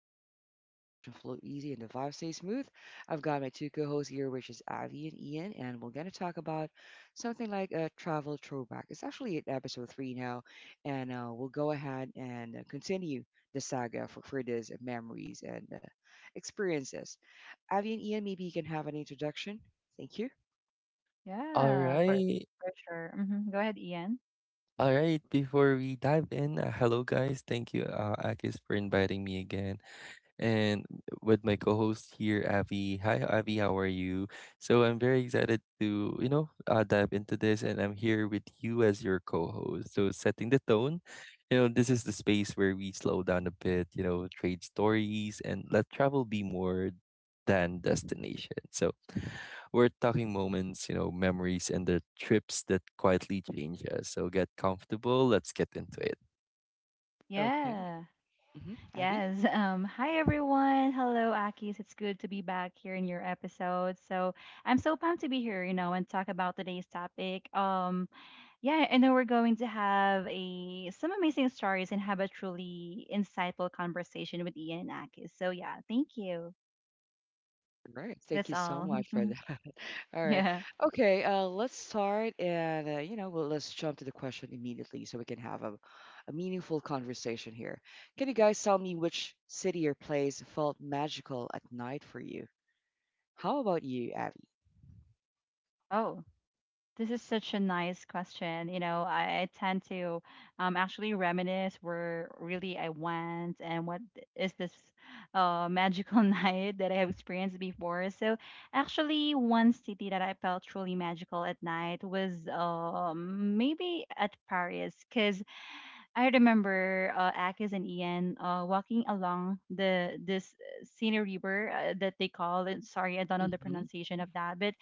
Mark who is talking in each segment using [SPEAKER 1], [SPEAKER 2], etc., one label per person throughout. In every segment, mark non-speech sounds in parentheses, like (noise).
[SPEAKER 1] chill zone where conversation flow easy and the vibe stays smooth. I've got my two co-hosts here, which is Avi and Ian, and we're going to talk about something like a travel throwback. It's actually at episode three now, and we'll go ahead and continue the saga for these memories and experiences. Avi and Ian, maybe you can have an introduction. Thank you.
[SPEAKER 2] All
[SPEAKER 3] Yeah. for Oh,
[SPEAKER 2] right.
[SPEAKER 3] for sure. Go ahead, Ian.
[SPEAKER 2] All right. Before we dive in, hello guys. Thank you, Akis, for inviting me again and with my co-host here, Avi. Hi, Avi. How are you? So I'm very excited to dive into this, and I'm here with you as your co-host. So setting the tone, you know, this is the space where we slow down a bit, you know, trade stories, and let travel be more than destination. So we're talking moments, you know, memories, and the trips that quietly change us. So get comfortable. Let's get into it.
[SPEAKER 1] Okay.
[SPEAKER 3] Yeah.
[SPEAKER 1] Avi?
[SPEAKER 3] Yes. (laughs) Hi everyone. Hello, Akis. It's good to be back here in your episode. So I'm so pumped to be here, you know, and talk about today's topic. Yeah, I know we're going to have a some amazing stories and have a truly insightful conversation with Ian and Akis. So yeah, thank you.
[SPEAKER 1] All right. Thank you
[SPEAKER 3] That's
[SPEAKER 1] so
[SPEAKER 3] all.
[SPEAKER 1] much for that.
[SPEAKER 3] (laughs)
[SPEAKER 1] All right.
[SPEAKER 3] yeah.
[SPEAKER 1] Okay. Let's start, and you know, well, let's jump to the question immediately so we can have a meaningful conversation here. Can you guys tell me which city or place felt magical at night for you? How about you, Abby?
[SPEAKER 3] Oh, this is such a nice question. I tend to actually reminisce where really I went and what is this magical (laughs) night that I have experienced before. So actually, one city that I felt truly magical at night was, maybe, at Paris, because I remember, Akis and Ian, walking along the this Seine River, that they call it. Sorry, I don't know the
[SPEAKER 1] Mm-hmm.
[SPEAKER 3] pronunciation of that, but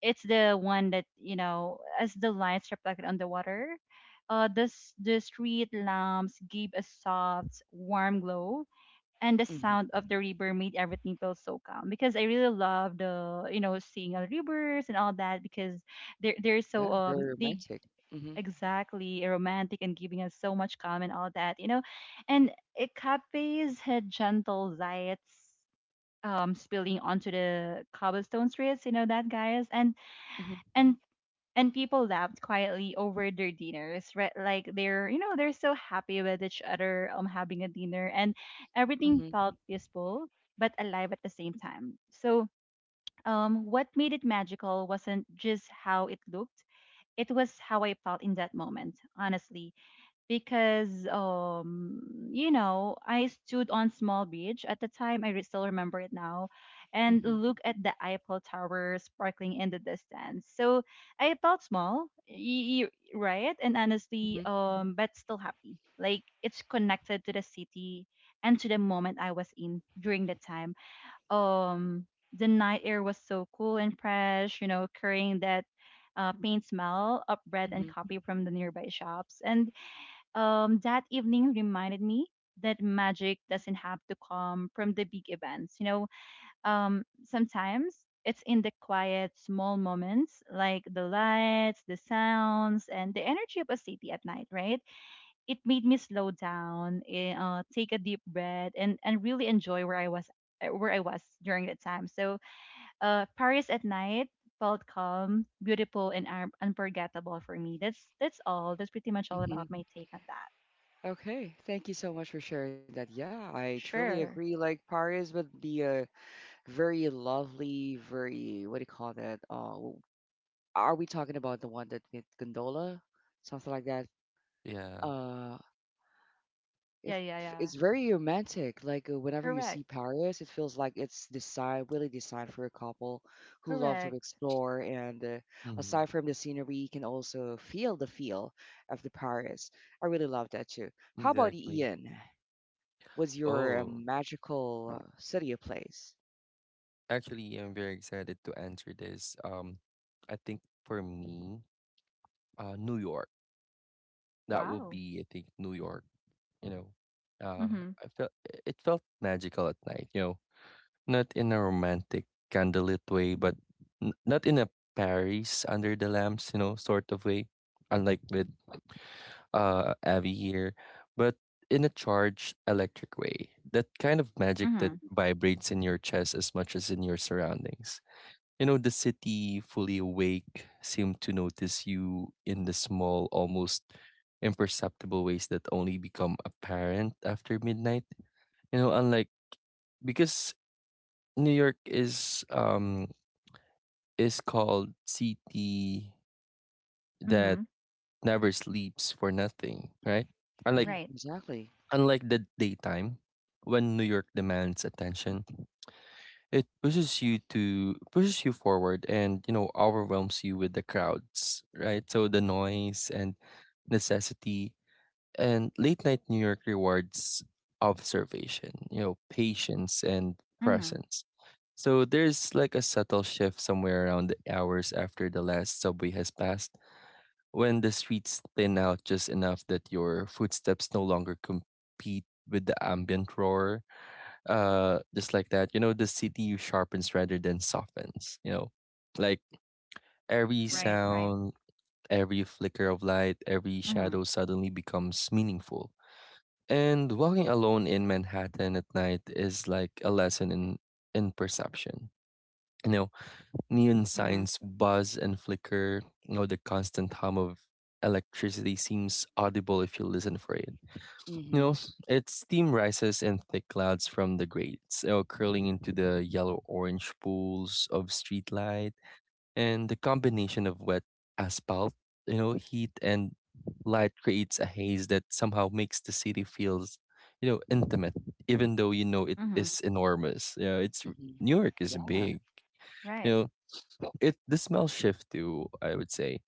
[SPEAKER 3] it's the one that, you know, as the lights reflected on the water, this the street lamps gave a soft warm glow, and the
[SPEAKER 1] Mm-hmm.
[SPEAKER 3] sound of the river made everything feel so calm, because I really love, the you know, seeing all rivers and all that, because they're
[SPEAKER 1] Yeah,
[SPEAKER 3] so
[SPEAKER 1] very
[SPEAKER 3] they
[SPEAKER 1] romantic. Mm-hmm.
[SPEAKER 3] exactly romantic and giving us so much calm and all that, you know. And it Cafes had gentle lights, spilling onto the cobblestone streets, you know that, guys. and
[SPEAKER 1] Mm-hmm.
[SPEAKER 3] and and people laughed quietly over their dinners, right? Like they're, you know, they're so happy with each other, having a dinner, and
[SPEAKER 1] Mm-hmm.
[SPEAKER 3] everything felt peaceful but alive at the same time. So, what made it magical wasn't just how it looked, it was how I felt in that moment, honestly. Because, you know, I stood on small beach at the time. Still remember it now, and
[SPEAKER 1] Mm-hmm.
[SPEAKER 3] look at the Eiffel Tower sparkling in the distance. So I felt small, right, and honestly, but still happy, like it's connected to the city and to the moment I was in during the time. um the night air was so cool and fresh, you know, carrying that, paint smell of bread
[SPEAKER 1] Mm-hmm.
[SPEAKER 3] and coffee from the nearby shops. And that evening reminded me that magic doesn't have to come from the big events. You know, sometimes it's in the quiet, small moments like the lights, the sounds, and the energy of a city at night, right? It made me slow down, take a deep breath, and really enjoy where I was, where I was during that time. So, Paris at night felt calm, beautiful, and unforgettable for me. That's all. That's pretty much all about
[SPEAKER 1] Mm-hmm.
[SPEAKER 3] my take on that.
[SPEAKER 1] Okay, thank you so much for sharing that. Yeah, I truly agree.
[SPEAKER 3] Sure.
[SPEAKER 1] Like Paris would be a very lovely, very what do you call that? Are we talking about the one that with gondola, something like that?
[SPEAKER 2] Yeah.
[SPEAKER 1] Uh,
[SPEAKER 3] Yeah, yeah,
[SPEAKER 1] if
[SPEAKER 3] yeah.
[SPEAKER 1] it's very romantic, like whenever you
[SPEAKER 3] Correct.
[SPEAKER 1] see Paris, it feels like it's designed, really designed for a couple who love to
[SPEAKER 3] Correct.
[SPEAKER 1] explore. And
[SPEAKER 2] hmm
[SPEAKER 1] aside from the scenery, you can also feel the feel of the Paris. I really love that too. How about
[SPEAKER 2] Exactly.
[SPEAKER 1] you, Ian? Was your
[SPEAKER 2] Oh.
[SPEAKER 1] magical city a place?
[SPEAKER 2] Actually, I'm very excited to answer this. I think for me, New York. That will
[SPEAKER 3] Wow.
[SPEAKER 2] be, I think, New York. You know, uh,
[SPEAKER 3] Mm-hmm.
[SPEAKER 2] I felt it felt magical at night. You know, not in a romantic candlelit way, but not in a Paris under the lamps, you know, sort of way. Unlike with Abby here, but in a charged electric way. That kind of magic that
[SPEAKER 3] Mm-hmm.
[SPEAKER 2] vibrates in your chest as much as in your surroundings. You know, the city, fully awake, seemed to notice you in the small, almost imperceptible ways that only become apparent after midnight. You know, unlike because New York is called city that
[SPEAKER 3] Mm-hmm.
[SPEAKER 2] never sleeps for nothing, right? Unlike
[SPEAKER 3] Right.
[SPEAKER 1] Exactly.
[SPEAKER 2] unlike the daytime, when New York demands attention. It pushes you forward, and you know, overwhelms you with the crowds, right? So the noise and necessity and late night New York rewards observation, you know, patience and
[SPEAKER 3] Mm-hmm.
[SPEAKER 2] presence. So there's like a subtle shift somewhere around the hours after the last subway has passed when the streets thin out just enough that your footsteps no longer compete with the ambient roar, just like that, you know, the city sharpens rather than softens, you know, like every
[SPEAKER 3] Right.
[SPEAKER 2] sound, every flicker of light, every
[SPEAKER 3] Mm-hmm.
[SPEAKER 2] shadow suddenly becomes meaningful. And walking alone in Manhattan at night is like a lesson in perception, you know, neon signs
[SPEAKER 3] Mm-hmm.
[SPEAKER 2] buzz and flicker, you know, the constant hum of electricity seems audible if you listen for it,
[SPEAKER 1] Mm-hmm.
[SPEAKER 2] you know,
[SPEAKER 1] Mm-hmm.
[SPEAKER 2] its steam rises in thick clouds from the grates, curling into the yellow orange pools of streetlight, and the combination of wet asphalt, you know, heat and light creates a haze that somehow makes the city feels, you know, intimate, even though you know it
[SPEAKER 3] Mm-hmm.
[SPEAKER 2] is enormous. Yeah, New York is
[SPEAKER 1] Yeah.
[SPEAKER 2] big. You
[SPEAKER 3] Right.
[SPEAKER 2] know, well, It the smell shift too, I would say.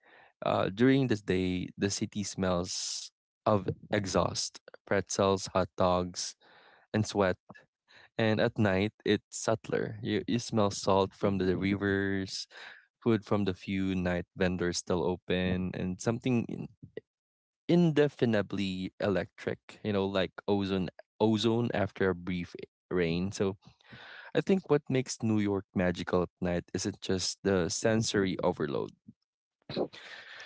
[SPEAKER 2] During this day, the city smells of exhaust, pretzels, hot dogs, and sweat. And at night, it's subtler. You smell salt
[SPEAKER 1] Mm-hmm.
[SPEAKER 2] from the rivers, food from the few night vendors still open, and something indefinably electric, you know, like ozone after a brief rain. So I think what makes New York magical at night isn't just the sensory overload.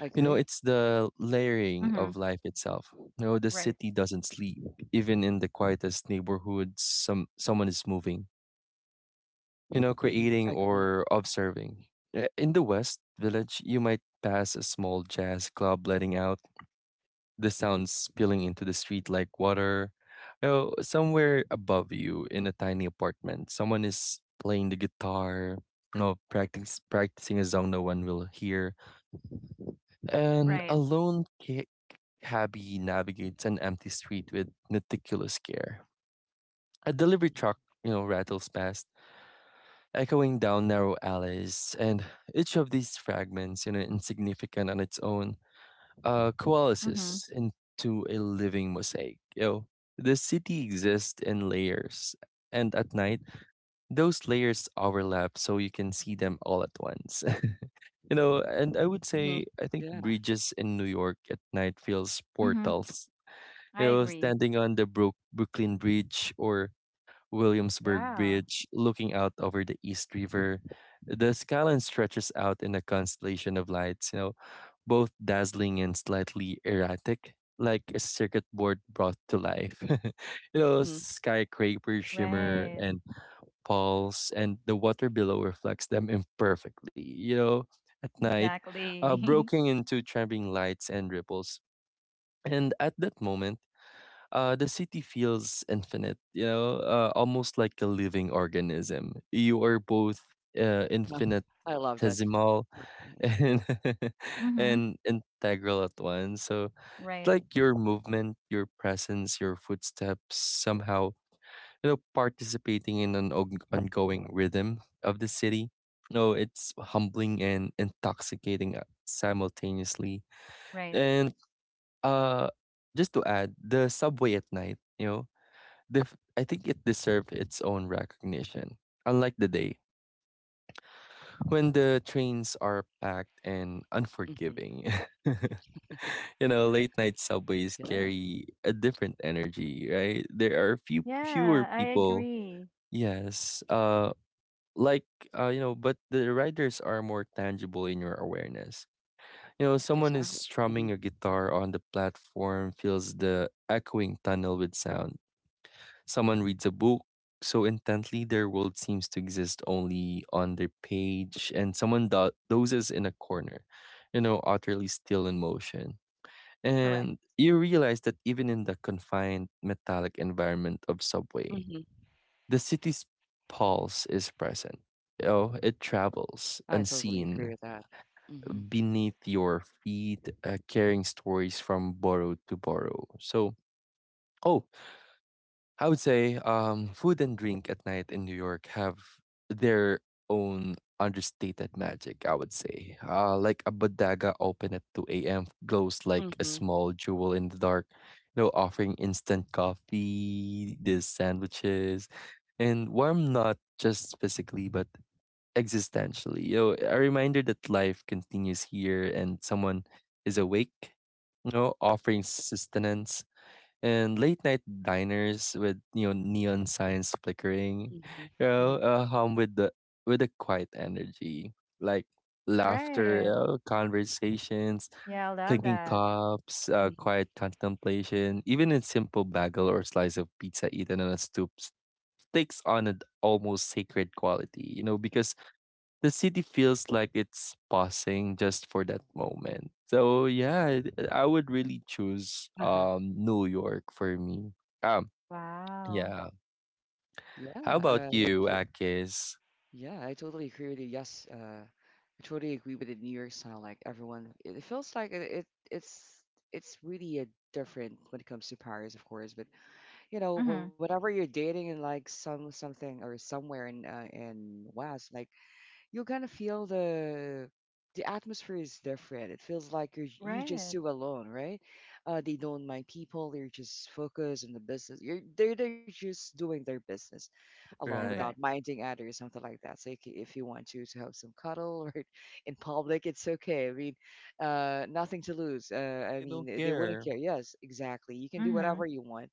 [SPEAKER 1] I
[SPEAKER 2] You know,
[SPEAKER 1] agree.
[SPEAKER 2] it's the layering
[SPEAKER 3] Mm-hmm.
[SPEAKER 2] of life itself. You know, the
[SPEAKER 3] Right.
[SPEAKER 2] city doesn't sleep. Even in the quietest neighborhoods, someone is moving. You know,
[SPEAKER 1] Mm-hmm. I
[SPEAKER 2] creating
[SPEAKER 1] agree.
[SPEAKER 2] or observing. In the West Village, you might pass a small jazz club letting out, the sounds spilling into the street like water. You know, somewhere above you in a tiny apartment, someone is playing the guitar. You know, practice practicing a song no one will hear. And a
[SPEAKER 3] Right.
[SPEAKER 2] cabbie navigates an empty street with meticulous care. A delivery truck, you know, rattles past, echoing down narrow alleys, and each of these fragments, you know, insignificant on its own,
[SPEAKER 3] Mm-hmm.
[SPEAKER 2] coalesces into a living mosaic. You know, the city exists in layers, and at night, those layers overlap, so you can see them all at once. (laughs) You know, and I would say
[SPEAKER 1] Mhm.
[SPEAKER 2] I think
[SPEAKER 1] Yeah.
[SPEAKER 2] bridges in New York at night feels
[SPEAKER 3] Mm-hmm.
[SPEAKER 2] portals. You
[SPEAKER 3] I
[SPEAKER 2] know,
[SPEAKER 3] agree.
[SPEAKER 2] standing on the Brooklyn Bridge or Williamsburg
[SPEAKER 3] Yeah.
[SPEAKER 2] Bridge, looking out over the East River, the skyline stretches out in a constellation of lights. You know, both dazzling and slightly erratic, like a circuit board brought to life. (laughs) You know,
[SPEAKER 1] Mhm.
[SPEAKER 2] skyscrapers shimmer
[SPEAKER 3] Right.
[SPEAKER 2] and pulse, and the water below reflects them imperfectly, you know, at night,
[SPEAKER 3] Exactly.
[SPEAKER 2] broken into trembling lights and ripples. And at that moment, the city feels infinite, you know, almost like a living organism. You are both uh,
[SPEAKER 1] No, I love that.
[SPEAKER 2] infinitesimal
[SPEAKER 1] But,
[SPEAKER 2] (laughs)
[SPEAKER 1] mhm.
[SPEAKER 2] and,
[SPEAKER 3] (laughs) mm-hmm.
[SPEAKER 2] and integral at once. So,
[SPEAKER 3] Right.
[SPEAKER 2] like your movement, your presence, your footsteps somehow, you know, participating in an ongoing rhythm of the city. No, it's humbling and intoxicating simultaneously.
[SPEAKER 3] Right.
[SPEAKER 2] And uh, just to add, the subway at night, you know, I think it deserved its own recognition. Unlike the day when the trains are packed and
[SPEAKER 1] Mhm.
[SPEAKER 2] unforgiving. (laughs) You know, late night subways
[SPEAKER 1] Yeah,
[SPEAKER 2] carry a different energy, right? There are fewer
[SPEAKER 3] Yeah, I
[SPEAKER 2] people.
[SPEAKER 3] agree.
[SPEAKER 2] Yes. Like you know, but the riders are more tangible in your awareness. You know, someone
[SPEAKER 1] exactly.
[SPEAKER 2] is
[SPEAKER 1] Mhm.
[SPEAKER 2] strumming a guitar on the platform, feels the echoing tunnel with sound, someone reads a book so intently their world seems to exist only on their page, and someone dozes in a corner, you know, utterly still in motion.
[SPEAKER 3] Correct.
[SPEAKER 2] And you realize that even in the confined metallic environment of subway,
[SPEAKER 1] Mhm.
[SPEAKER 2] the city's pulse is present. You know, it travels
[SPEAKER 1] I totally agree with
[SPEAKER 2] unseen
[SPEAKER 1] that. Mhm.
[SPEAKER 2] beneath your feet, carrying stories from borough to borough. So, oh, I would say food and drink at night in New York have their own understated magic, I would say. Like a bodega open at 2 a.m. glows like a
[SPEAKER 1] Mhm.
[SPEAKER 2] small jewel in the dark, you know, offering instant coffee, these sandwiches, and warm not just physically but existentially. You know, a reminder that life continues here and someone is awake, you know, offering sustenance. And late night diners with you know neon signs flickering,
[SPEAKER 1] Mhm.
[SPEAKER 2] you
[SPEAKER 1] Mhm.
[SPEAKER 2] know, home with the with a quiet energy, like laughter,
[SPEAKER 3] Right.
[SPEAKER 2] conversations,
[SPEAKER 3] Yeah, I love
[SPEAKER 2] clinking
[SPEAKER 3] that.
[SPEAKER 2] cups,
[SPEAKER 1] Mhm.
[SPEAKER 2] quiet contemplation, even a simple bagel or slice of pizza eaten on a takes on an almost sacred quality, you know, because the city feels like it's pausing just for that moment. So yeah, I would really choose
[SPEAKER 1] Uh-huh.
[SPEAKER 2] New York for me. Um
[SPEAKER 3] Wow.
[SPEAKER 2] yeah.
[SPEAKER 1] Yeah.
[SPEAKER 2] How about
[SPEAKER 1] Uh, t-
[SPEAKER 2] you, Akis?
[SPEAKER 1] yeah, I totally agree with you. Yes. I totally agree with the New York sound. Like everyone, it feels like it's it's really a different when it comes to Paris, of course. But you know,
[SPEAKER 3] Mm-hmm.
[SPEAKER 1] whenever you're dating in like some something or somewhere in West, like you're gonna feel the atmosphere is different. It feels like you just
[SPEAKER 3] Right.
[SPEAKER 1] too alone, right? They don't mind people. They're just focused on the business. You're they're just doing their business alone without
[SPEAKER 2] Right.
[SPEAKER 3] Correct.
[SPEAKER 1] minding others, something like that. So if you want to have some cuddle or (laughs) in public, it's okay. I mean, nothing to lose. I
[SPEAKER 2] I
[SPEAKER 1] mean,
[SPEAKER 2] don't
[SPEAKER 1] they wouldn't
[SPEAKER 2] care.
[SPEAKER 1] care. Yes, exactly. You can do
[SPEAKER 3] Mm-hmm.
[SPEAKER 1] whatever you want.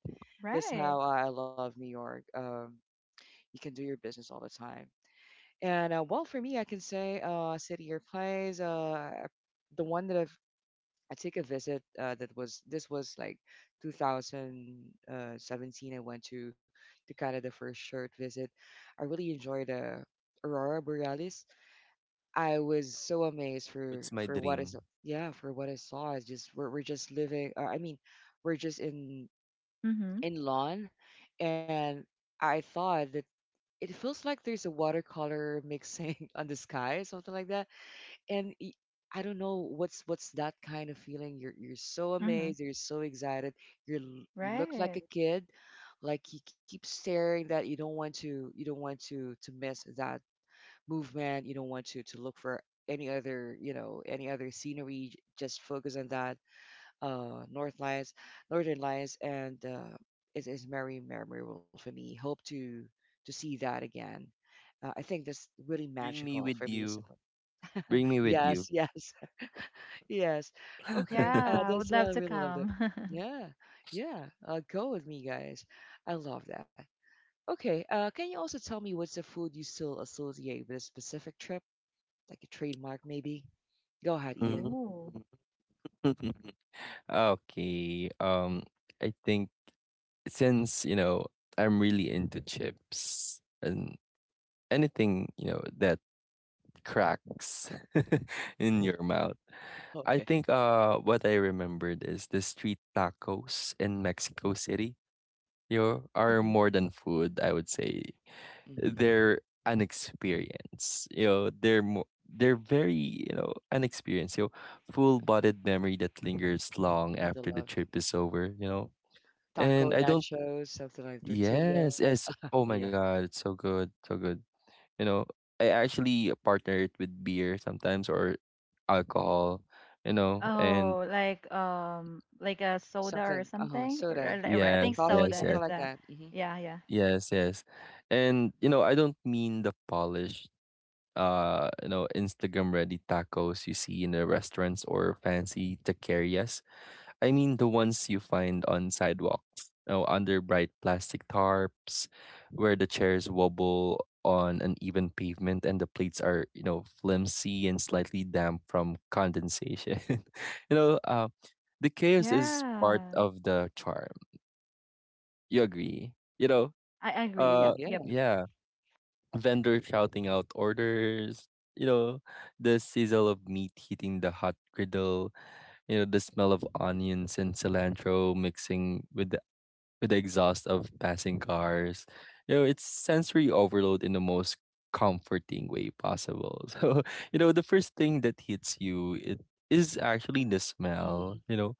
[SPEAKER 1] That's
[SPEAKER 3] Right.
[SPEAKER 1] how I love New York. You can do your business all the time. And well, for me, I can say city or place. The one that I've I take a visit. That was This was like 2017. I went to Canada for a short visit. I really enjoyed the aurora borealis. I was so amazed
[SPEAKER 2] It's my
[SPEAKER 1] for what
[SPEAKER 2] dream.
[SPEAKER 1] is yeah for what I saw. It's just we're just living. I mean, we're just
[SPEAKER 3] Mm-hmm.
[SPEAKER 1] in lawn, and I thought it feels like there's a watercolor mixing (laughs) on the sky, something like that. And y- I don't know what's that kind of feeling. You're so
[SPEAKER 3] Mhm.
[SPEAKER 1] amazed, you're so excited. You look like
[SPEAKER 3] Right.
[SPEAKER 1] a kid, like you keep staring that you don't want to miss that movement. You don't want to look for any other you know any other scenery. Just focus on that North Lights, Northern Lights, and it is very memorable for me. Hope to see that again. I think that's really
[SPEAKER 2] Bring me
[SPEAKER 1] magical for
[SPEAKER 2] with
[SPEAKER 1] me.
[SPEAKER 2] you.
[SPEAKER 1] Simple.
[SPEAKER 2] Bring me with you.
[SPEAKER 1] Yes, yes, (laughs) yes. Okay,
[SPEAKER 2] (laughs)
[SPEAKER 3] Yeah, I would
[SPEAKER 1] that's
[SPEAKER 3] love
[SPEAKER 1] what
[SPEAKER 3] to
[SPEAKER 1] I really love. The
[SPEAKER 3] come. (laughs)
[SPEAKER 1] yeah, yeah. Go with me, guys. I love that. Okay, can you also tell me what's the food you still associate with a specific trip, like a trademark maybe? Go ahead,
[SPEAKER 2] Mhm.
[SPEAKER 1] Ian.
[SPEAKER 3] Ooh.
[SPEAKER 2] (laughs) Okay. Um I think since, you know, I'm really into chips and anything, you know, that cracks (laughs) in your mouth. I
[SPEAKER 1] Okay.
[SPEAKER 2] think what I remembered is the street tacos in Mexico City. You know, are more than food, I would say.
[SPEAKER 1] Mm-hmm.
[SPEAKER 2] They're an experience. You know, they're very, you know, an experience. You know, full-bodied memory that lingers long
[SPEAKER 1] You have to
[SPEAKER 2] after the
[SPEAKER 1] love
[SPEAKER 2] trip is over, you know.
[SPEAKER 1] taco,
[SPEAKER 2] And I don't
[SPEAKER 1] nachos, something like
[SPEAKER 2] Yes,
[SPEAKER 1] tortillas.
[SPEAKER 2] yes.
[SPEAKER 1] (laughs)
[SPEAKER 2] Oh
[SPEAKER 1] Yeah,
[SPEAKER 2] my god, it's so good, so good. You know, I actually partner it with beer sometimes or alcohol, you know, and
[SPEAKER 3] Oh, like a soda or
[SPEAKER 1] something. Uh huh.
[SPEAKER 3] something.
[SPEAKER 1] Soda
[SPEAKER 3] Right.
[SPEAKER 1] mhm,
[SPEAKER 3] I
[SPEAKER 2] yes,
[SPEAKER 1] or
[SPEAKER 3] think
[SPEAKER 1] coffee,
[SPEAKER 2] yes,
[SPEAKER 3] soda
[SPEAKER 2] yes,
[SPEAKER 1] something
[SPEAKER 3] is
[SPEAKER 1] like
[SPEAKER 3] the
[SPEAKER 1] that. Mm-hmm.
[SPEAKER 3] yeah, yeah.
[SPEAKER 2] yes, yes. And, you know, I don't mean the polished, you know, Instagram ready tacos you see in the restaurants or fancy taquerias. I mean the ones you find on sidewalks, oh, under bright plastic tarps, where the chairs wobble on uneven pavement and the plates are, you know, flimsy and slightly damp from condensation. (laughs) You know, the chaos is part
[SPEAKER 3] Yeah.
[SPEAKER 2] of the charm. You agree? You know,
[SPEAKER 3] I
[SPEAKER 1] Great.
[SPEAKER 3] agree.
[SPEAKER 2] uh,
[SPEAKER 3] Yep,
[SPEAKER 1] Yeah.
[SPEAKER 3] yep.
[SPEAKER 2] yeah, vendors shouting out orders. You know, the sizzle of meat hitting the hot griddle, you know, the smell of onions and cilantro mixing with the exhaust of passing cars. You know, it's sensory overload in the most comforting way possible. (laughs) So, you know, the first thing that hits you it is actually the
[SPEAKER 1] Mm-hmm,
[SPEAKER 2] smell, you know,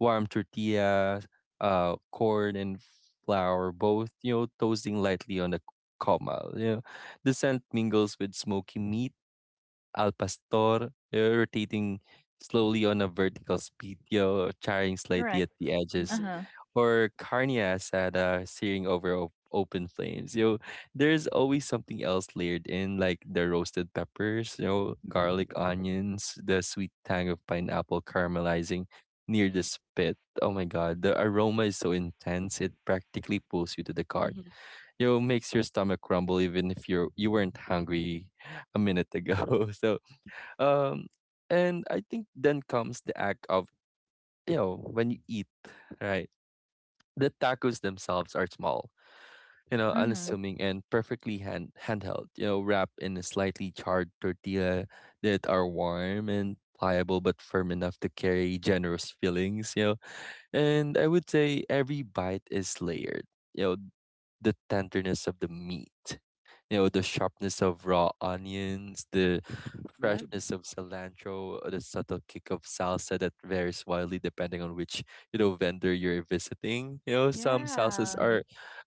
[SPEAKER 2] warm tortillas, corn and flour both, you know, toasting lightly on the comal. You know, the scent mingles with smoky meat, al pastor, rotating slowly on a vertical speed, you know, charring slightly at
[SPEAKER 3] Correct.
[SPEAKER 2] the edges,
[SPEAKER 1] mm-hmm,
[SPEAKER 3] Uh-huh.
[SPEAKER 2] or carnias at searing over open flames. You know, there's always something else layered in, like the roasted peppers, you know, garlic, onions, the sweet tang of pineapple caramelizing near
[SPEAKER 1] mm-hmm,
[SPEAKER 2] the spit. Oh my god, the aroma is so intense; it practically pulls you to the
[SPEAKER 1] mm-hmm.
[SPEAKER 2] cart. You know, makes your stomach rumble even if you weren't hungry (laughs) a minute ago. (laughs) So, um, and I think then comes the act of, you know, when you eat, right? The tacos themselves are small, you know,
[SPEAKER 3] Mhm.
[SPEAKER 2] unassuming and perfectly handheld, you know, wrapped in a slightly charred tortilla that are warm and pliable but firm enough to carry generous fillings, you know, and I would say every bite is layered. You know, the tenderness of the meat, you know, the sharpness of raw onions, the
[SPEAKER 1] Yeah.
[SPEAKER 2] freshness of cilantro, or the subtle kick of salsa that varies wildly depending on which, you know, vendor you're visiting. You know, some salsas
[SPEAKER 3] Yeah.
[SPEAKER 1] Mm-hmm,
[SPEAKER 2] are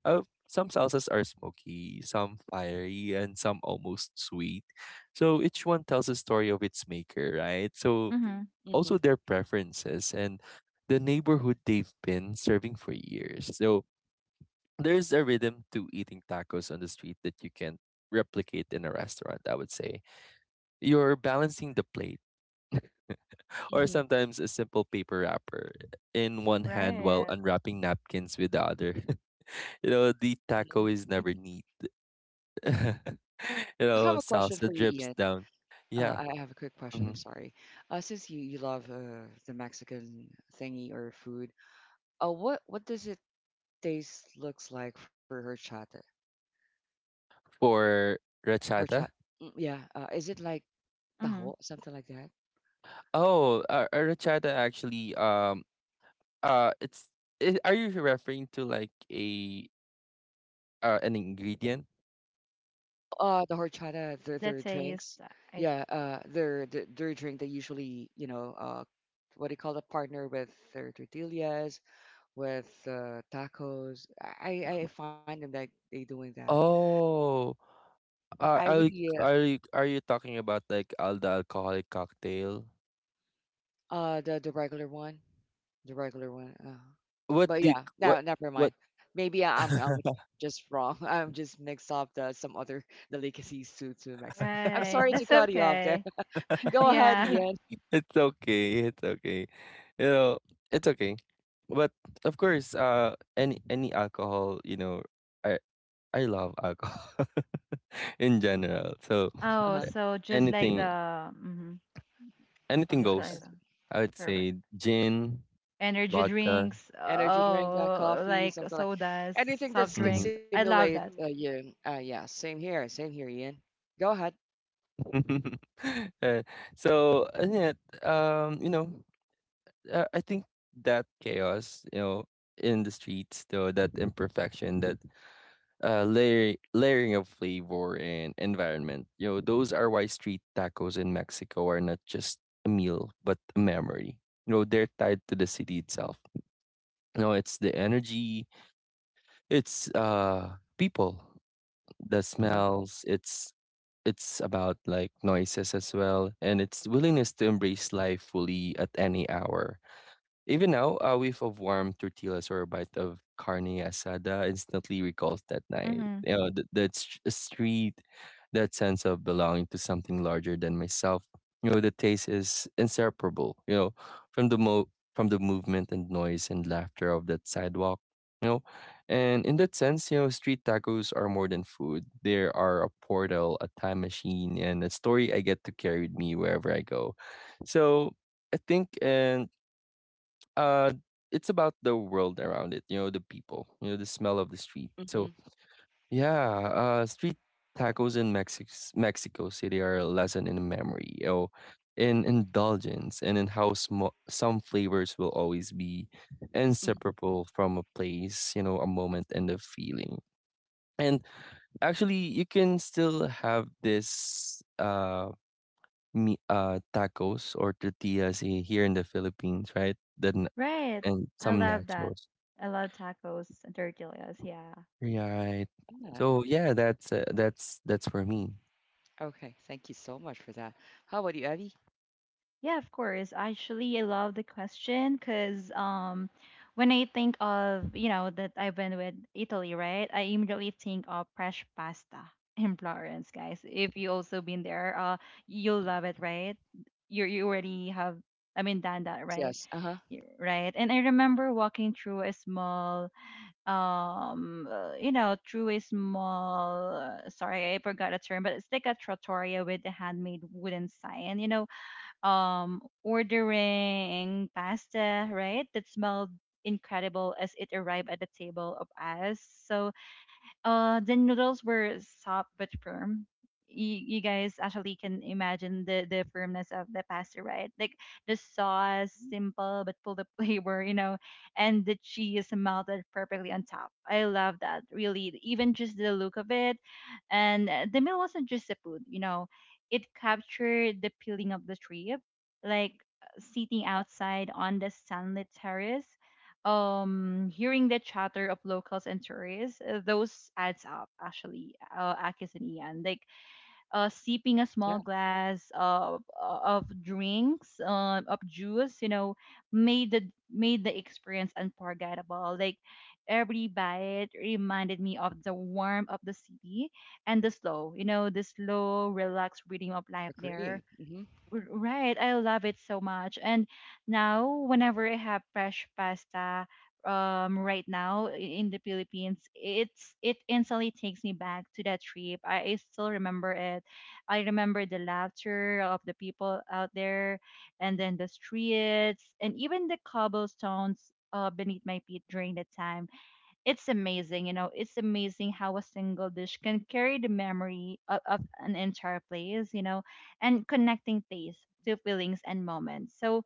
[SPEAKER 2] smoky, some fiery, and some almost sweet. So each one tells a story of its maker, right? So
[SPEAKER 3] Mhm.
[SPEAKER 1] mm-hmm,
[SPEAKER 2] also their preferences and the neighborhood they've been serving for years. So there's a rhythm to eating tacos on the street that you can't replicate in a restaurant, I would say. You're balancing the plate or
[SPEAKER 1] mm-hmm.
[SPEAKER 2] sometimes a simple paper wrapper in one hand while
[SPEAKER 3] Right.
[SPEAKER 2] unwrapping napkins with the other. (laughs) You know, the taco is never neat. (laughs) You
[SPEAKER 1] I have a
[SPEAKER 2] know,
[SPEAKER 1] question for you,
[SPEAKER 2] salsa
[SPEAKER 1] Ian.
[SPEAKER 2] drips down. Yeah.
[SPEAKER 1] I have a quick question. I'm
[SPEAKER 2] Mhm.
[SPEAKER 1] sorry. Since you love the Mexican thingy or food, what does it taste looks like for horchata?
[SPEAKER 2] For
[SPEAKER 1] Horchata.
[SPEAKER 2] rachata.
[SPEAKER 1] Mm, yeah. Is it like taho,
[SPEAKER 3] Mhm.
[SPEAKER 1] something like that?
[SPEAKER 2] Oh, a rachata actually. It's I are you referring to like a an ingredient?
[SPEAKER 1] The horchata,
[SPEAKER 3] The
[SPEAKER 1] their
[SPEAKER 3] taste.
[SPEAKER 1] drinks.
[SPEAKER 3] I
[SPEAKER 1] Yeah, their drink. They usually, you know, what do you call the partner with their tortillas, with tacos. I find them that they doing that.
[SPEAKER 2] Oh,
[SPEAKER 1] I would
[SPEAKER 2] are you,
[SPEAKER 1] yeah,
[SPEAKER 2] are you are you talking about like all the alcoholic cocktail?
[SPEAKER 1] the regular one, the regular one.
[SPEAKER 2] What
[SPEAKER 1] But
[SPEAKER 2] do you,
[SPEAKER 1] yeah,
[SPEAKER 2] what
[SPEAKER 1] no, never
[SPEAKER 2] what?
[SPEAKER 1] mind. Maybe I'm
[SPEAKER 2] (laughs)
[SPEAKER 1] just wrong. (laughs) I'm just mixed up the some other (laughs) delicacies to Mexico. I'm sorry
[SPEAKER 3] Right.
[SPEAKER 1] to
[SPEAKER 3] That's
[SPEAKER 1] cut you off there.
[SPEAKER 3] okay.
[SPEAKER 1] (laughs)
[SPEAKER 3] (laughs)
[SPEAKER 1] Go ahead,
[SPEAKER 3] Yeah.
[SPEAKER 1] Ian.
[SPEAKER 2] It's okay. It's okay. You know, it's okay. But of course, any alcohol, you know, I I love alcohol (laughs) in general. So
[SPEAKER 1] Uh huh.
[SPEAKER 3] Oh,
[SPEAKER 2] uh,
[SPEAKER 3] so just like
[SPEAKER 2] anything
[SPEAKER 3] the mhm.
[SPEAKER 1] Uh
[SPEAKER 2] anything
[SPEAKER 3] Just
[SPEAKER 1] huh.
[SPEAKER 3] like
[SPEAKER 2] goes.
[SPEAKER 3] the
[SPEAKER 2] I would
[SPEAKER 3] correct.
[SPEAKER 2] say gin.
[SPEAKER 3] Energy
[SPEAKER 2] Vodka.
[SPEAKER 3] drinks,
[SPEAKER 1] Energy drink like
[SPEAKER 3] oh,
[SPEAKER 1] coffee,
[SPEAKER 3] like
[SPEAKER 1] something like
[SPEAKER 3] sodas,
[SPEAKER 1] anything
[SPEAKER 3] soft
[SPEAKER 1] that can
[SPEAKER 2] Mhm.
[SPEAKER 3] drinks. I
[SPEAKER 1] simulate
[SPEAKER 3] love that.
[SPEAKER 1] you. Yeah, same here, Ian. Go ahead.
[SPEAKER 2] Eh, (laughs) so, and yet, you know, I think that chaos, you know, in the streets, though, that imperfection, that layering of flavor and environment, you know, those are why street tacos in Mexico are not just a meal, but a memory. You know, they're tied to the city itself. You know, it's the energy, it's people, the
[SPEAKER 1] Uh,
[SPEAKER 2] smells, it's— it's about like noises as well, and its willingness to embrace life fully at any hour. Even now, a whiff of warm tortillas or a bite of carne asada instantly recalls that
[SPEAKER 3] Mm.
[SPEAKER 2] night.
[SPEAKER 3] hmm
[SPEAKER 2] You know, street, that sense of belonging to something larger than myself. You know, the taste is inseparable. You know, from the mo from the movement and noise and laughter of that sidewalk. You know, and in that sense, you know, street tacos are more than food. They are a portal, a time machine, and a story I get to carry with me wherever I go. So I think, and uh it's about the world around it, you know, the people, you know, the smell of the street. So
[SPEAKER 1] mm-hmm,
[SPEAKER 2] yeah, street tacos in Mexico City are a lesson in memory, you know, in indulgence, and in how some flavors will always be
[SPEAKER 1] hmm
[SPEAKER 2] inseparable from a place, you know, a moment, and a feeling. And actually, you can still have this me tacos or tortillas here in the Philippines, right? Then
[SPEAKER 3] Right.
[SPEAKER 2] and
[SPEAKER 3] I
[SPEAKER 2] some
[SPEAKER 3] love that.
[SPEAKER 2] nachos.
[SPEAKER 3] I love tacos and tortillas. Yeah.
[SPEAKER 2] Right.
[SPEAKER 1] yeah.
[SPEAKER 2] So yeah, that's that's for me.
[SPEAKER 1] Okay, thank you so much for that. How about you, Abby?
[SPEAKER 3] Yeah, of course. Actually, I love the question because, when I think of, you know, that I've been with Italy, right? I immediately think of fresh pasta (laughs) in Florence, guys. If you also been there, you'll love it, right? You already have, I mean, done that, right?
[SPEAKER 1] Yes. Uh huh.
[SPEAKER 3] Right. And I remember walking through a small, you know, through a small, sorry, I forgot the term, but it's like a trattoria with a handmade wooden sign, you know, ordering pasta, right? That smelled incredible as it arrived at the table of us. So, the noodles were soft but firm. You guys actually can imagine the firmness of the pasta, right? Like the sauce, simple but full of (laughs) flavor, you know, and the cheese melted perfectly on top. I love that, really. Even just the look of it. And, the meal wasn't just the food, you know, it captured the feeling of the trip, like, sitting outside on the sunlit terrace, hearing the chatter of locals and tourists, those adds up actually, Akis and Ian, like, sipping a
[SPEAKER 1] Yeah.
[SPEAKER 3] small glass of drinks, of juice, you know, made the experience unforgettable. Like every bite reminded me of the warmth of the city, and the slow, you know, the slow relaxed rhythm of life there.
[SPEAKER 1] Agree. Mm-hmm.
[SPEAKER 3] Right, I love it so much. And now, whenever I have fresh pasta, right now, in the Philippines, it's it instantly takes me back to that trip. I still remember it. I remember the laughter of the people out there, and then the streets, and even the cobblestones, beneath my feet during that time. It's amazing, you know, it's amazing how a single dish can carry the memory of an entire place, you know, and connecting taste to feelings and moments. So,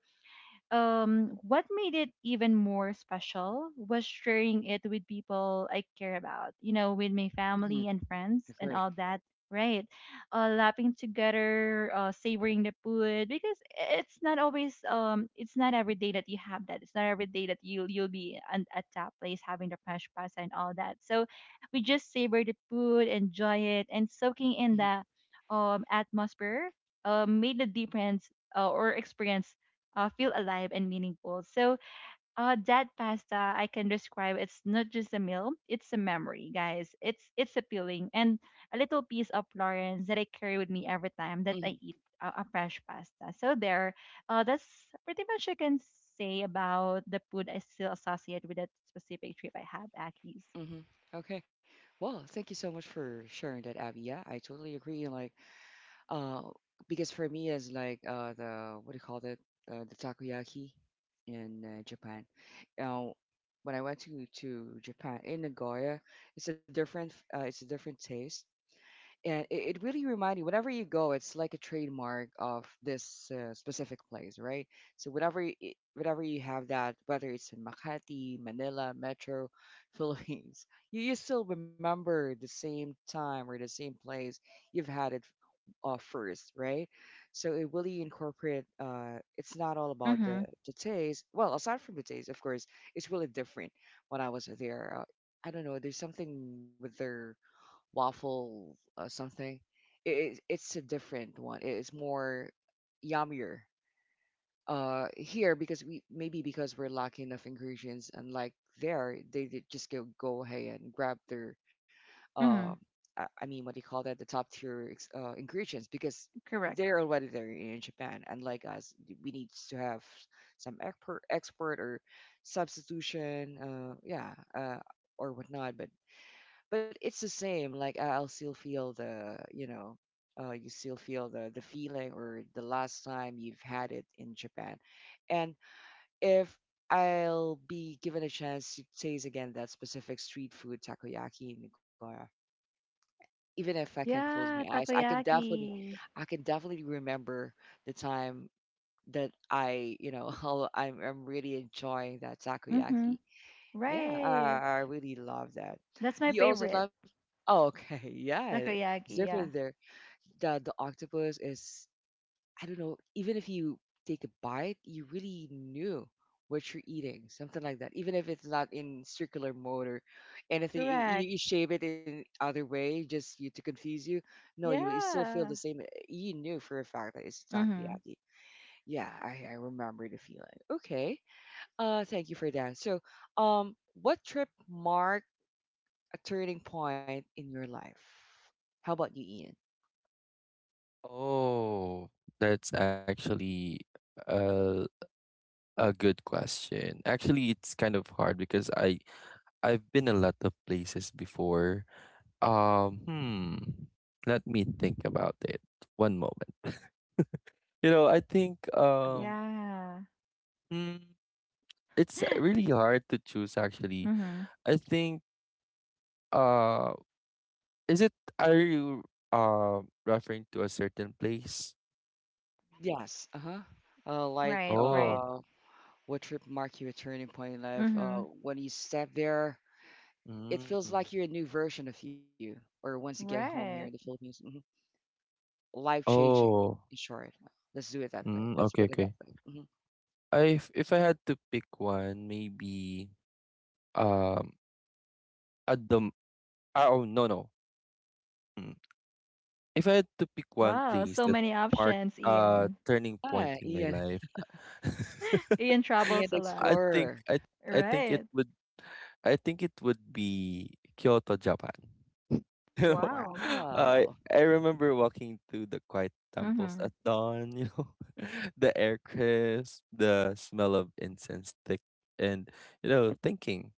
[SPEAKER 3] what made it even more special was sharing it with people I care about, you know, with my
[SPEAKER 1] Mm-hmm.
[SPEAKER 3] family and friends
[SPEAKER 1] Agree.
[SPEAKER 3] and all that, right? Lapping together, savoring the food, because it's not always, it's not every day that you have that. It's not every day that you you'll be an, at that place having the fresh pasta and all that. So we just savor the food, enjoy it, and soaking
[SPEAKER 1] Mm-hmm.
[SPEAKER 3] in the atmosphere, made the difference, or experience, feel alive and meaningful. So, that pasta I can describe. It's not just a meal; it's a memory, guys. It's appealing and a little piece of Florence that I carry with me every time that
[SPEAKER 1] Mm-hmm.
[SPEAKER 3] I eat a fresh pasta. So there, that's pretty much I can say about the food I still associate with that specific trip I have, Aki's.
[SPEAKER 1] Mm-hmm. Okay. Well, thank you so much for sharing that, Abby. Yeah, I totally agree. Uh, because for me, it's like the what do you call it? The takoyaki in Japan. Now, when I went to Japan in Nagoya, it's a it's a different taste, and it really reminds you. Whenever you go, it's like a trademark of this specific place, right? So whenever whenever you have that, whether it's in Makati, Manila, Metro, (laughs) Philippines, you still remember the same time or the same place you've had it offers, right? So it really incorporate. It's not all about the
[SPEAKER 3] Mm-hmm.
[SPEAKER 1] taste. Well, aside from the taste, of course, it's really different when I was there. I don't know. There's something with their waffle something. It's a different one. It's more yummier here because we maybe because we're lacking of ingredients unlike there they just go ahead and grab their um
[SPEAKER 3] Mm-hmm.
[SPEAKER 1] I mean, what do you call that? The top tier ingredients because
[SPEAKER 3] Correct.
[SPEAKER 1] they're already there in Japan. Unlike us, we need to have some export or substitution, or whatnot. But it's the same. I'll still feel the you know, you still feel the feeling or the last time you've had it in Japan. And if I'll be given a chance to taste again that specific street food takoyaki in Nagoya even if I can close my
[SPEAKER 3] Yeah,
[SPEAKER 1] eyes,
[SPEAKER 3] takoyaki.
[SPEAKER 1] I can definitely remember the time that I, you know, (laughs) how I'm really enjoying that
[SPEAKER 3] Mm-hmm.
[SPEAKER 1] takoyaki. Yeah,
[SPEAKER 3] Right.
[SPEAKER 1] I really love that.
[SPEAKER 3] That's my
[SPEAKER 1] Do you also
[SPEAKER 3] favorite.
[SPEAKER 1] love? Oh, okay, (laughs) yeah, it's
[SPEAKER 3] Takoyaki,
[SPEAKER 1] different
[SPEAKER 3] yeah.
[SPEAKER 1] there. The octopus is I don't know, even if you take a bite, you really knew what you're eating, something like that. Even if it's not in circular mode or anything, you
[SPEAKER 3] Correct.
[SPEAKER 1] shape it in other way just you to confuse you. No, you still feel the
[SPEAKER 3] Yeah.
[SPEAKER 1] same. You knew for a fact that it's
[SPEAKER 3] Mhm.
[SPEAKER 1] takoyaki. Yeah, I remember the feeling. Okay, thank you for that. So, um, what trip marked a turning point in your life? How about you, Ian?
[SPEAKER 2] Oh, that's actually a a good question. Actually, it's kind of hard because I've been a lot of places before. Hmm. Let me think about it. One moment. (laughs) You know, I think
[SPEAKER 1] I
[SPEAKER 3] Yeah. (gasps)
[SPEAKER 2] hmm, it's
[SPEAKER 3] (laughs)
[SPEAKER 2] really hard to choose actually.
[SPEAKER 3] Mhm.
[SPEAKER 2] I think uh, is it, are you referring to a certain place?
[SPEAKER 1] Yes, uh-huh. Uh, like
[SPEAKER 3] Right.
[SPEAKER 2] Oh.
[SPEAKER 1] uh, What trip marked your turning point in life?
[SPEAKER 3] Mhm.
[SPEAKER 1] When you step there, it feels
[SPEAKER 2] Mm.
[SPEAKER 1] like you're a new version of you, or once you get home here in the
[SPEAKER 3] Right.
[SPEAKER 1] Philippines. Life changing,
[SPEAKER 2] Oh.
[SPEAKER 1] in short. Let's do it that way.
[SPEAKER 2] Mm,
[SPEAKER 1] Let's
[SPEAKER 2] okay,
[SPEAKER 1] put it that
[SPEAKER 2] okay.
[SPEAKER 1] way.
[SPEAKER 2] I If I had to pick one, maybe um at the m- ah, oh no no. Mm. If I had to pick one
[SPEAKER 3] Wow,
[SPEAKER 2] place
[SPEAKER 3] so
[SPEAKER 2] that
[SPEAKER 3] many
[SPEAKER 2] marked
[SPEAKER 3] options,
[SPEAKER 2] a
[SPEAKER 3] Ian.
[SPEAKER 2] turning
[SPEAKER 1] Ah,
[SPEAKER 2] point in my
[SPEAKER 1] Ian,
[SPEAKER 2] life,
[SPEAKER 3] (laughs)
[SPEAKER 2] (laughs)
[SPEAKER 3] Ian
[SPEAKER 1] Ian
[SPEAKER 3] travels
[SPEAKER 1] the
[SPEAKER 3] a lot.
[SPEAKER 2] I think
[SPEAKER 1] Explorer.
[SPEAKER 2] I I think it
[SPEAKER 3] Right.
[SPEAKER 2] would I think it would be Kyoto, Japan. (laughs) You know,
[SPEAKER 3] Wow.
[SPEAKER 1] Wow.
[SPEAKER 2] I remember walking through the quiet temples
[SPEAKER 3] Mhm.
[SPEAKER 2] at dawn. You know, (laughs) the air crisp, the smell of incense thick, and you know, thinking,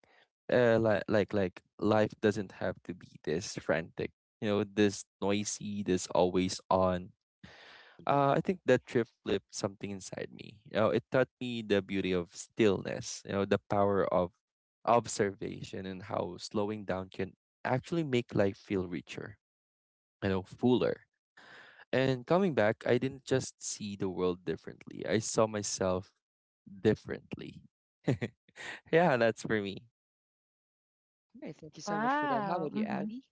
[SPEAKER 2] like life doesn't have to be this frantic. You know, this noisy, this always on.
[SPEAKER 1] hmm
[SPEAKER 2] I think that trip flipped something inside me. You know, it taught me the beauty of stillness, you know, the power of observation, and how slowing down can actually make life feel richer, you know, fuller. And coming back, I didn't just see the world differently. I saw myself differently. (laughs) Yeah, that's for me.
[SPEAKER 1] Hey, thank you so much for that. How
[SPEAKER 3] Wow.
[SPEAKER 1] about you,
[SPEAKER 3] hmm
[SPEAKER 1] Abby?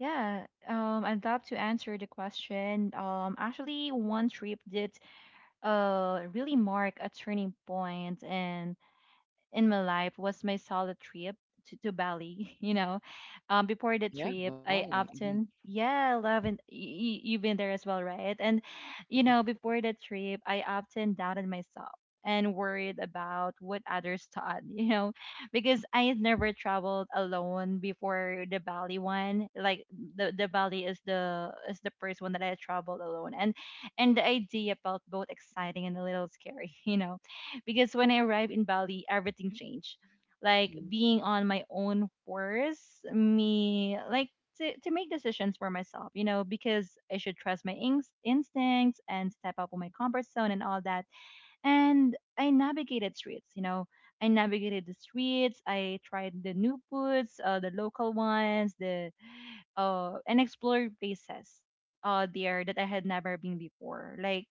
[SPEAKER 3] Yeah. I'd love to answer the question. Actually, one trip did, really mark a turning point in my life, was my solo trip to Bali. (laughs) You know, before the
[SPEAKER 1] Yeah,
[SPEAKER 3] trip, I
[SPEAKER 1] Bali.
[SPEAKER 3] often, yeah, love, and you've been there as well, right? And you
[SPEAKER 1] Hmm
[SPEAKER 3] know, before the trip, I often doubted myself and worried about what others thought. (laughs) You know, because I had never traveled alone before the Bali one. Like the Bali is the first one that I traveled alone, and the idea felt both exciting and a little scary. (laughs) You know because when I arrived in Bali, everything changed. Like being on my own force me like to make decisions for myself, you know, because I should trust my instincts and step up on my comfort zone and all that. And I navigated streets, you know, I navigated the streets. I tried the new foods, the local ones, the, and explored places, there, that I had never been before. Like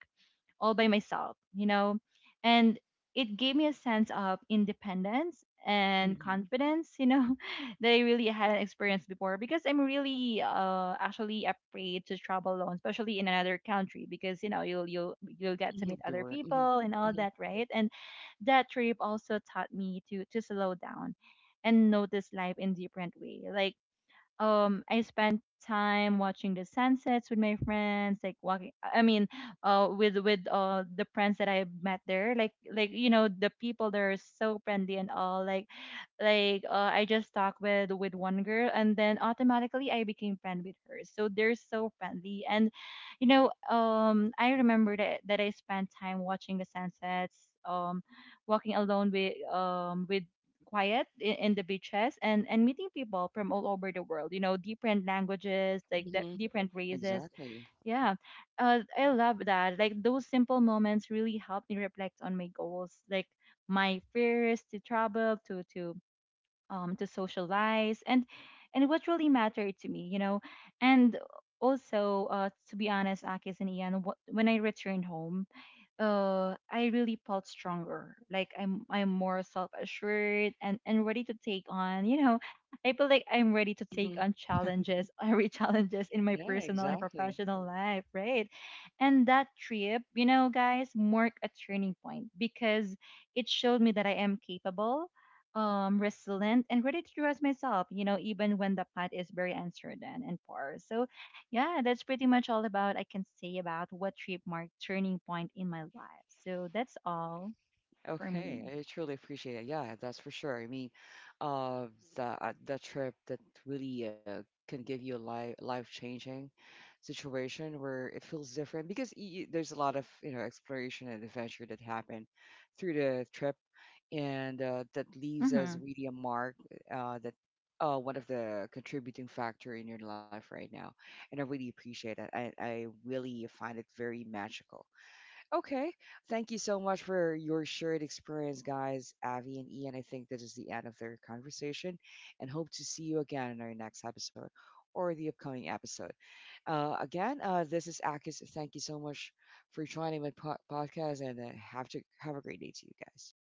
[SPEAKER 3] all by myself, you know? And it gave me a sense of independence and
[SPEAKER 1] hmm
[SPEAKER 3] confidence, you know, (laughs) that I really hadn't experienced before, because I'm really, actually afraid to travel alone, especially in another country, because you know you'll get to meet other
[SPEAKER 1] Everywhere.
[SPEAKER 3] people and all
[SPEAKER 1] Hmm
[SPEAKER 3] that, right? And that trip also taught me to slow down and notice life in different way. Like I spent time watching the sunsets with my friends, like walking, I mean, with the friends that I met there. Like you know, the people there are so friendly and all, like, I just talked with one girl, and then automatically I became friend with her. So they're so friendly. And you know, I remember that I spent time watching the sunsets, walking alone with quiet in the beaches, and meeting people from all over the world, you know, different languages, like
[SPEAKER 1] hmm
[SPEAKER 3] the, different races,
[SPEAKER 1] Exactly.
[SPEAKER 3] yeah. I love that. Like those simple moments really help me reflect on my goals, like my fears to travel, to socialize, and what really mattered to me, you know. And also, to be honest, Akis and Ian, when I returned home, I really felt stronger. Like I'm more self-assured and ready to take on, you know, I feel like I'm ready to take
[SPEAKER 1] hmm
[SPEAKER 3] on
[SPEAKER 1] (laughs)
[SPEAKER 3] challenges, (laughs) every challenges in my
[SPEAKER 1] Yeah,
[SPEAKER 3] personal and
[SPEAKER 1] exactly.
[SPEAKER 3] professional life, right? And that trip, you know, guys, marked a turning point, because it showed me that I am capable, resilient, and ready to trust myself, you know, even when the path is very uncertain and poor. So yeah, that's pretty much all about I can say about what trip marked turning point in my life. So that's all for
[SPEAKER 1] Okay,
[SPEAKER 3] me.
[SPEAKER 1] I truly appreciate it. Yeah, that's for sure. I mean, uh, the trip that really can give you a life changing situation where it feels different because there's a lot of you know exploration and adventure that happen through the trip, and that leaves as
[SPEAKER 3] Hmm
[SPEAKER 1] really a mark that one of the contributing factor in your life right now. And I really appreciate that. I really find it very magical. Okay. Thank you so much for your shared experience, guys, Avi and Ian. I think this is the end of their conversation and hope to see you again in our next episode or the upcoming episode. This is Akis. Thank you so much for joining my podcast and have to have a great day to you guys.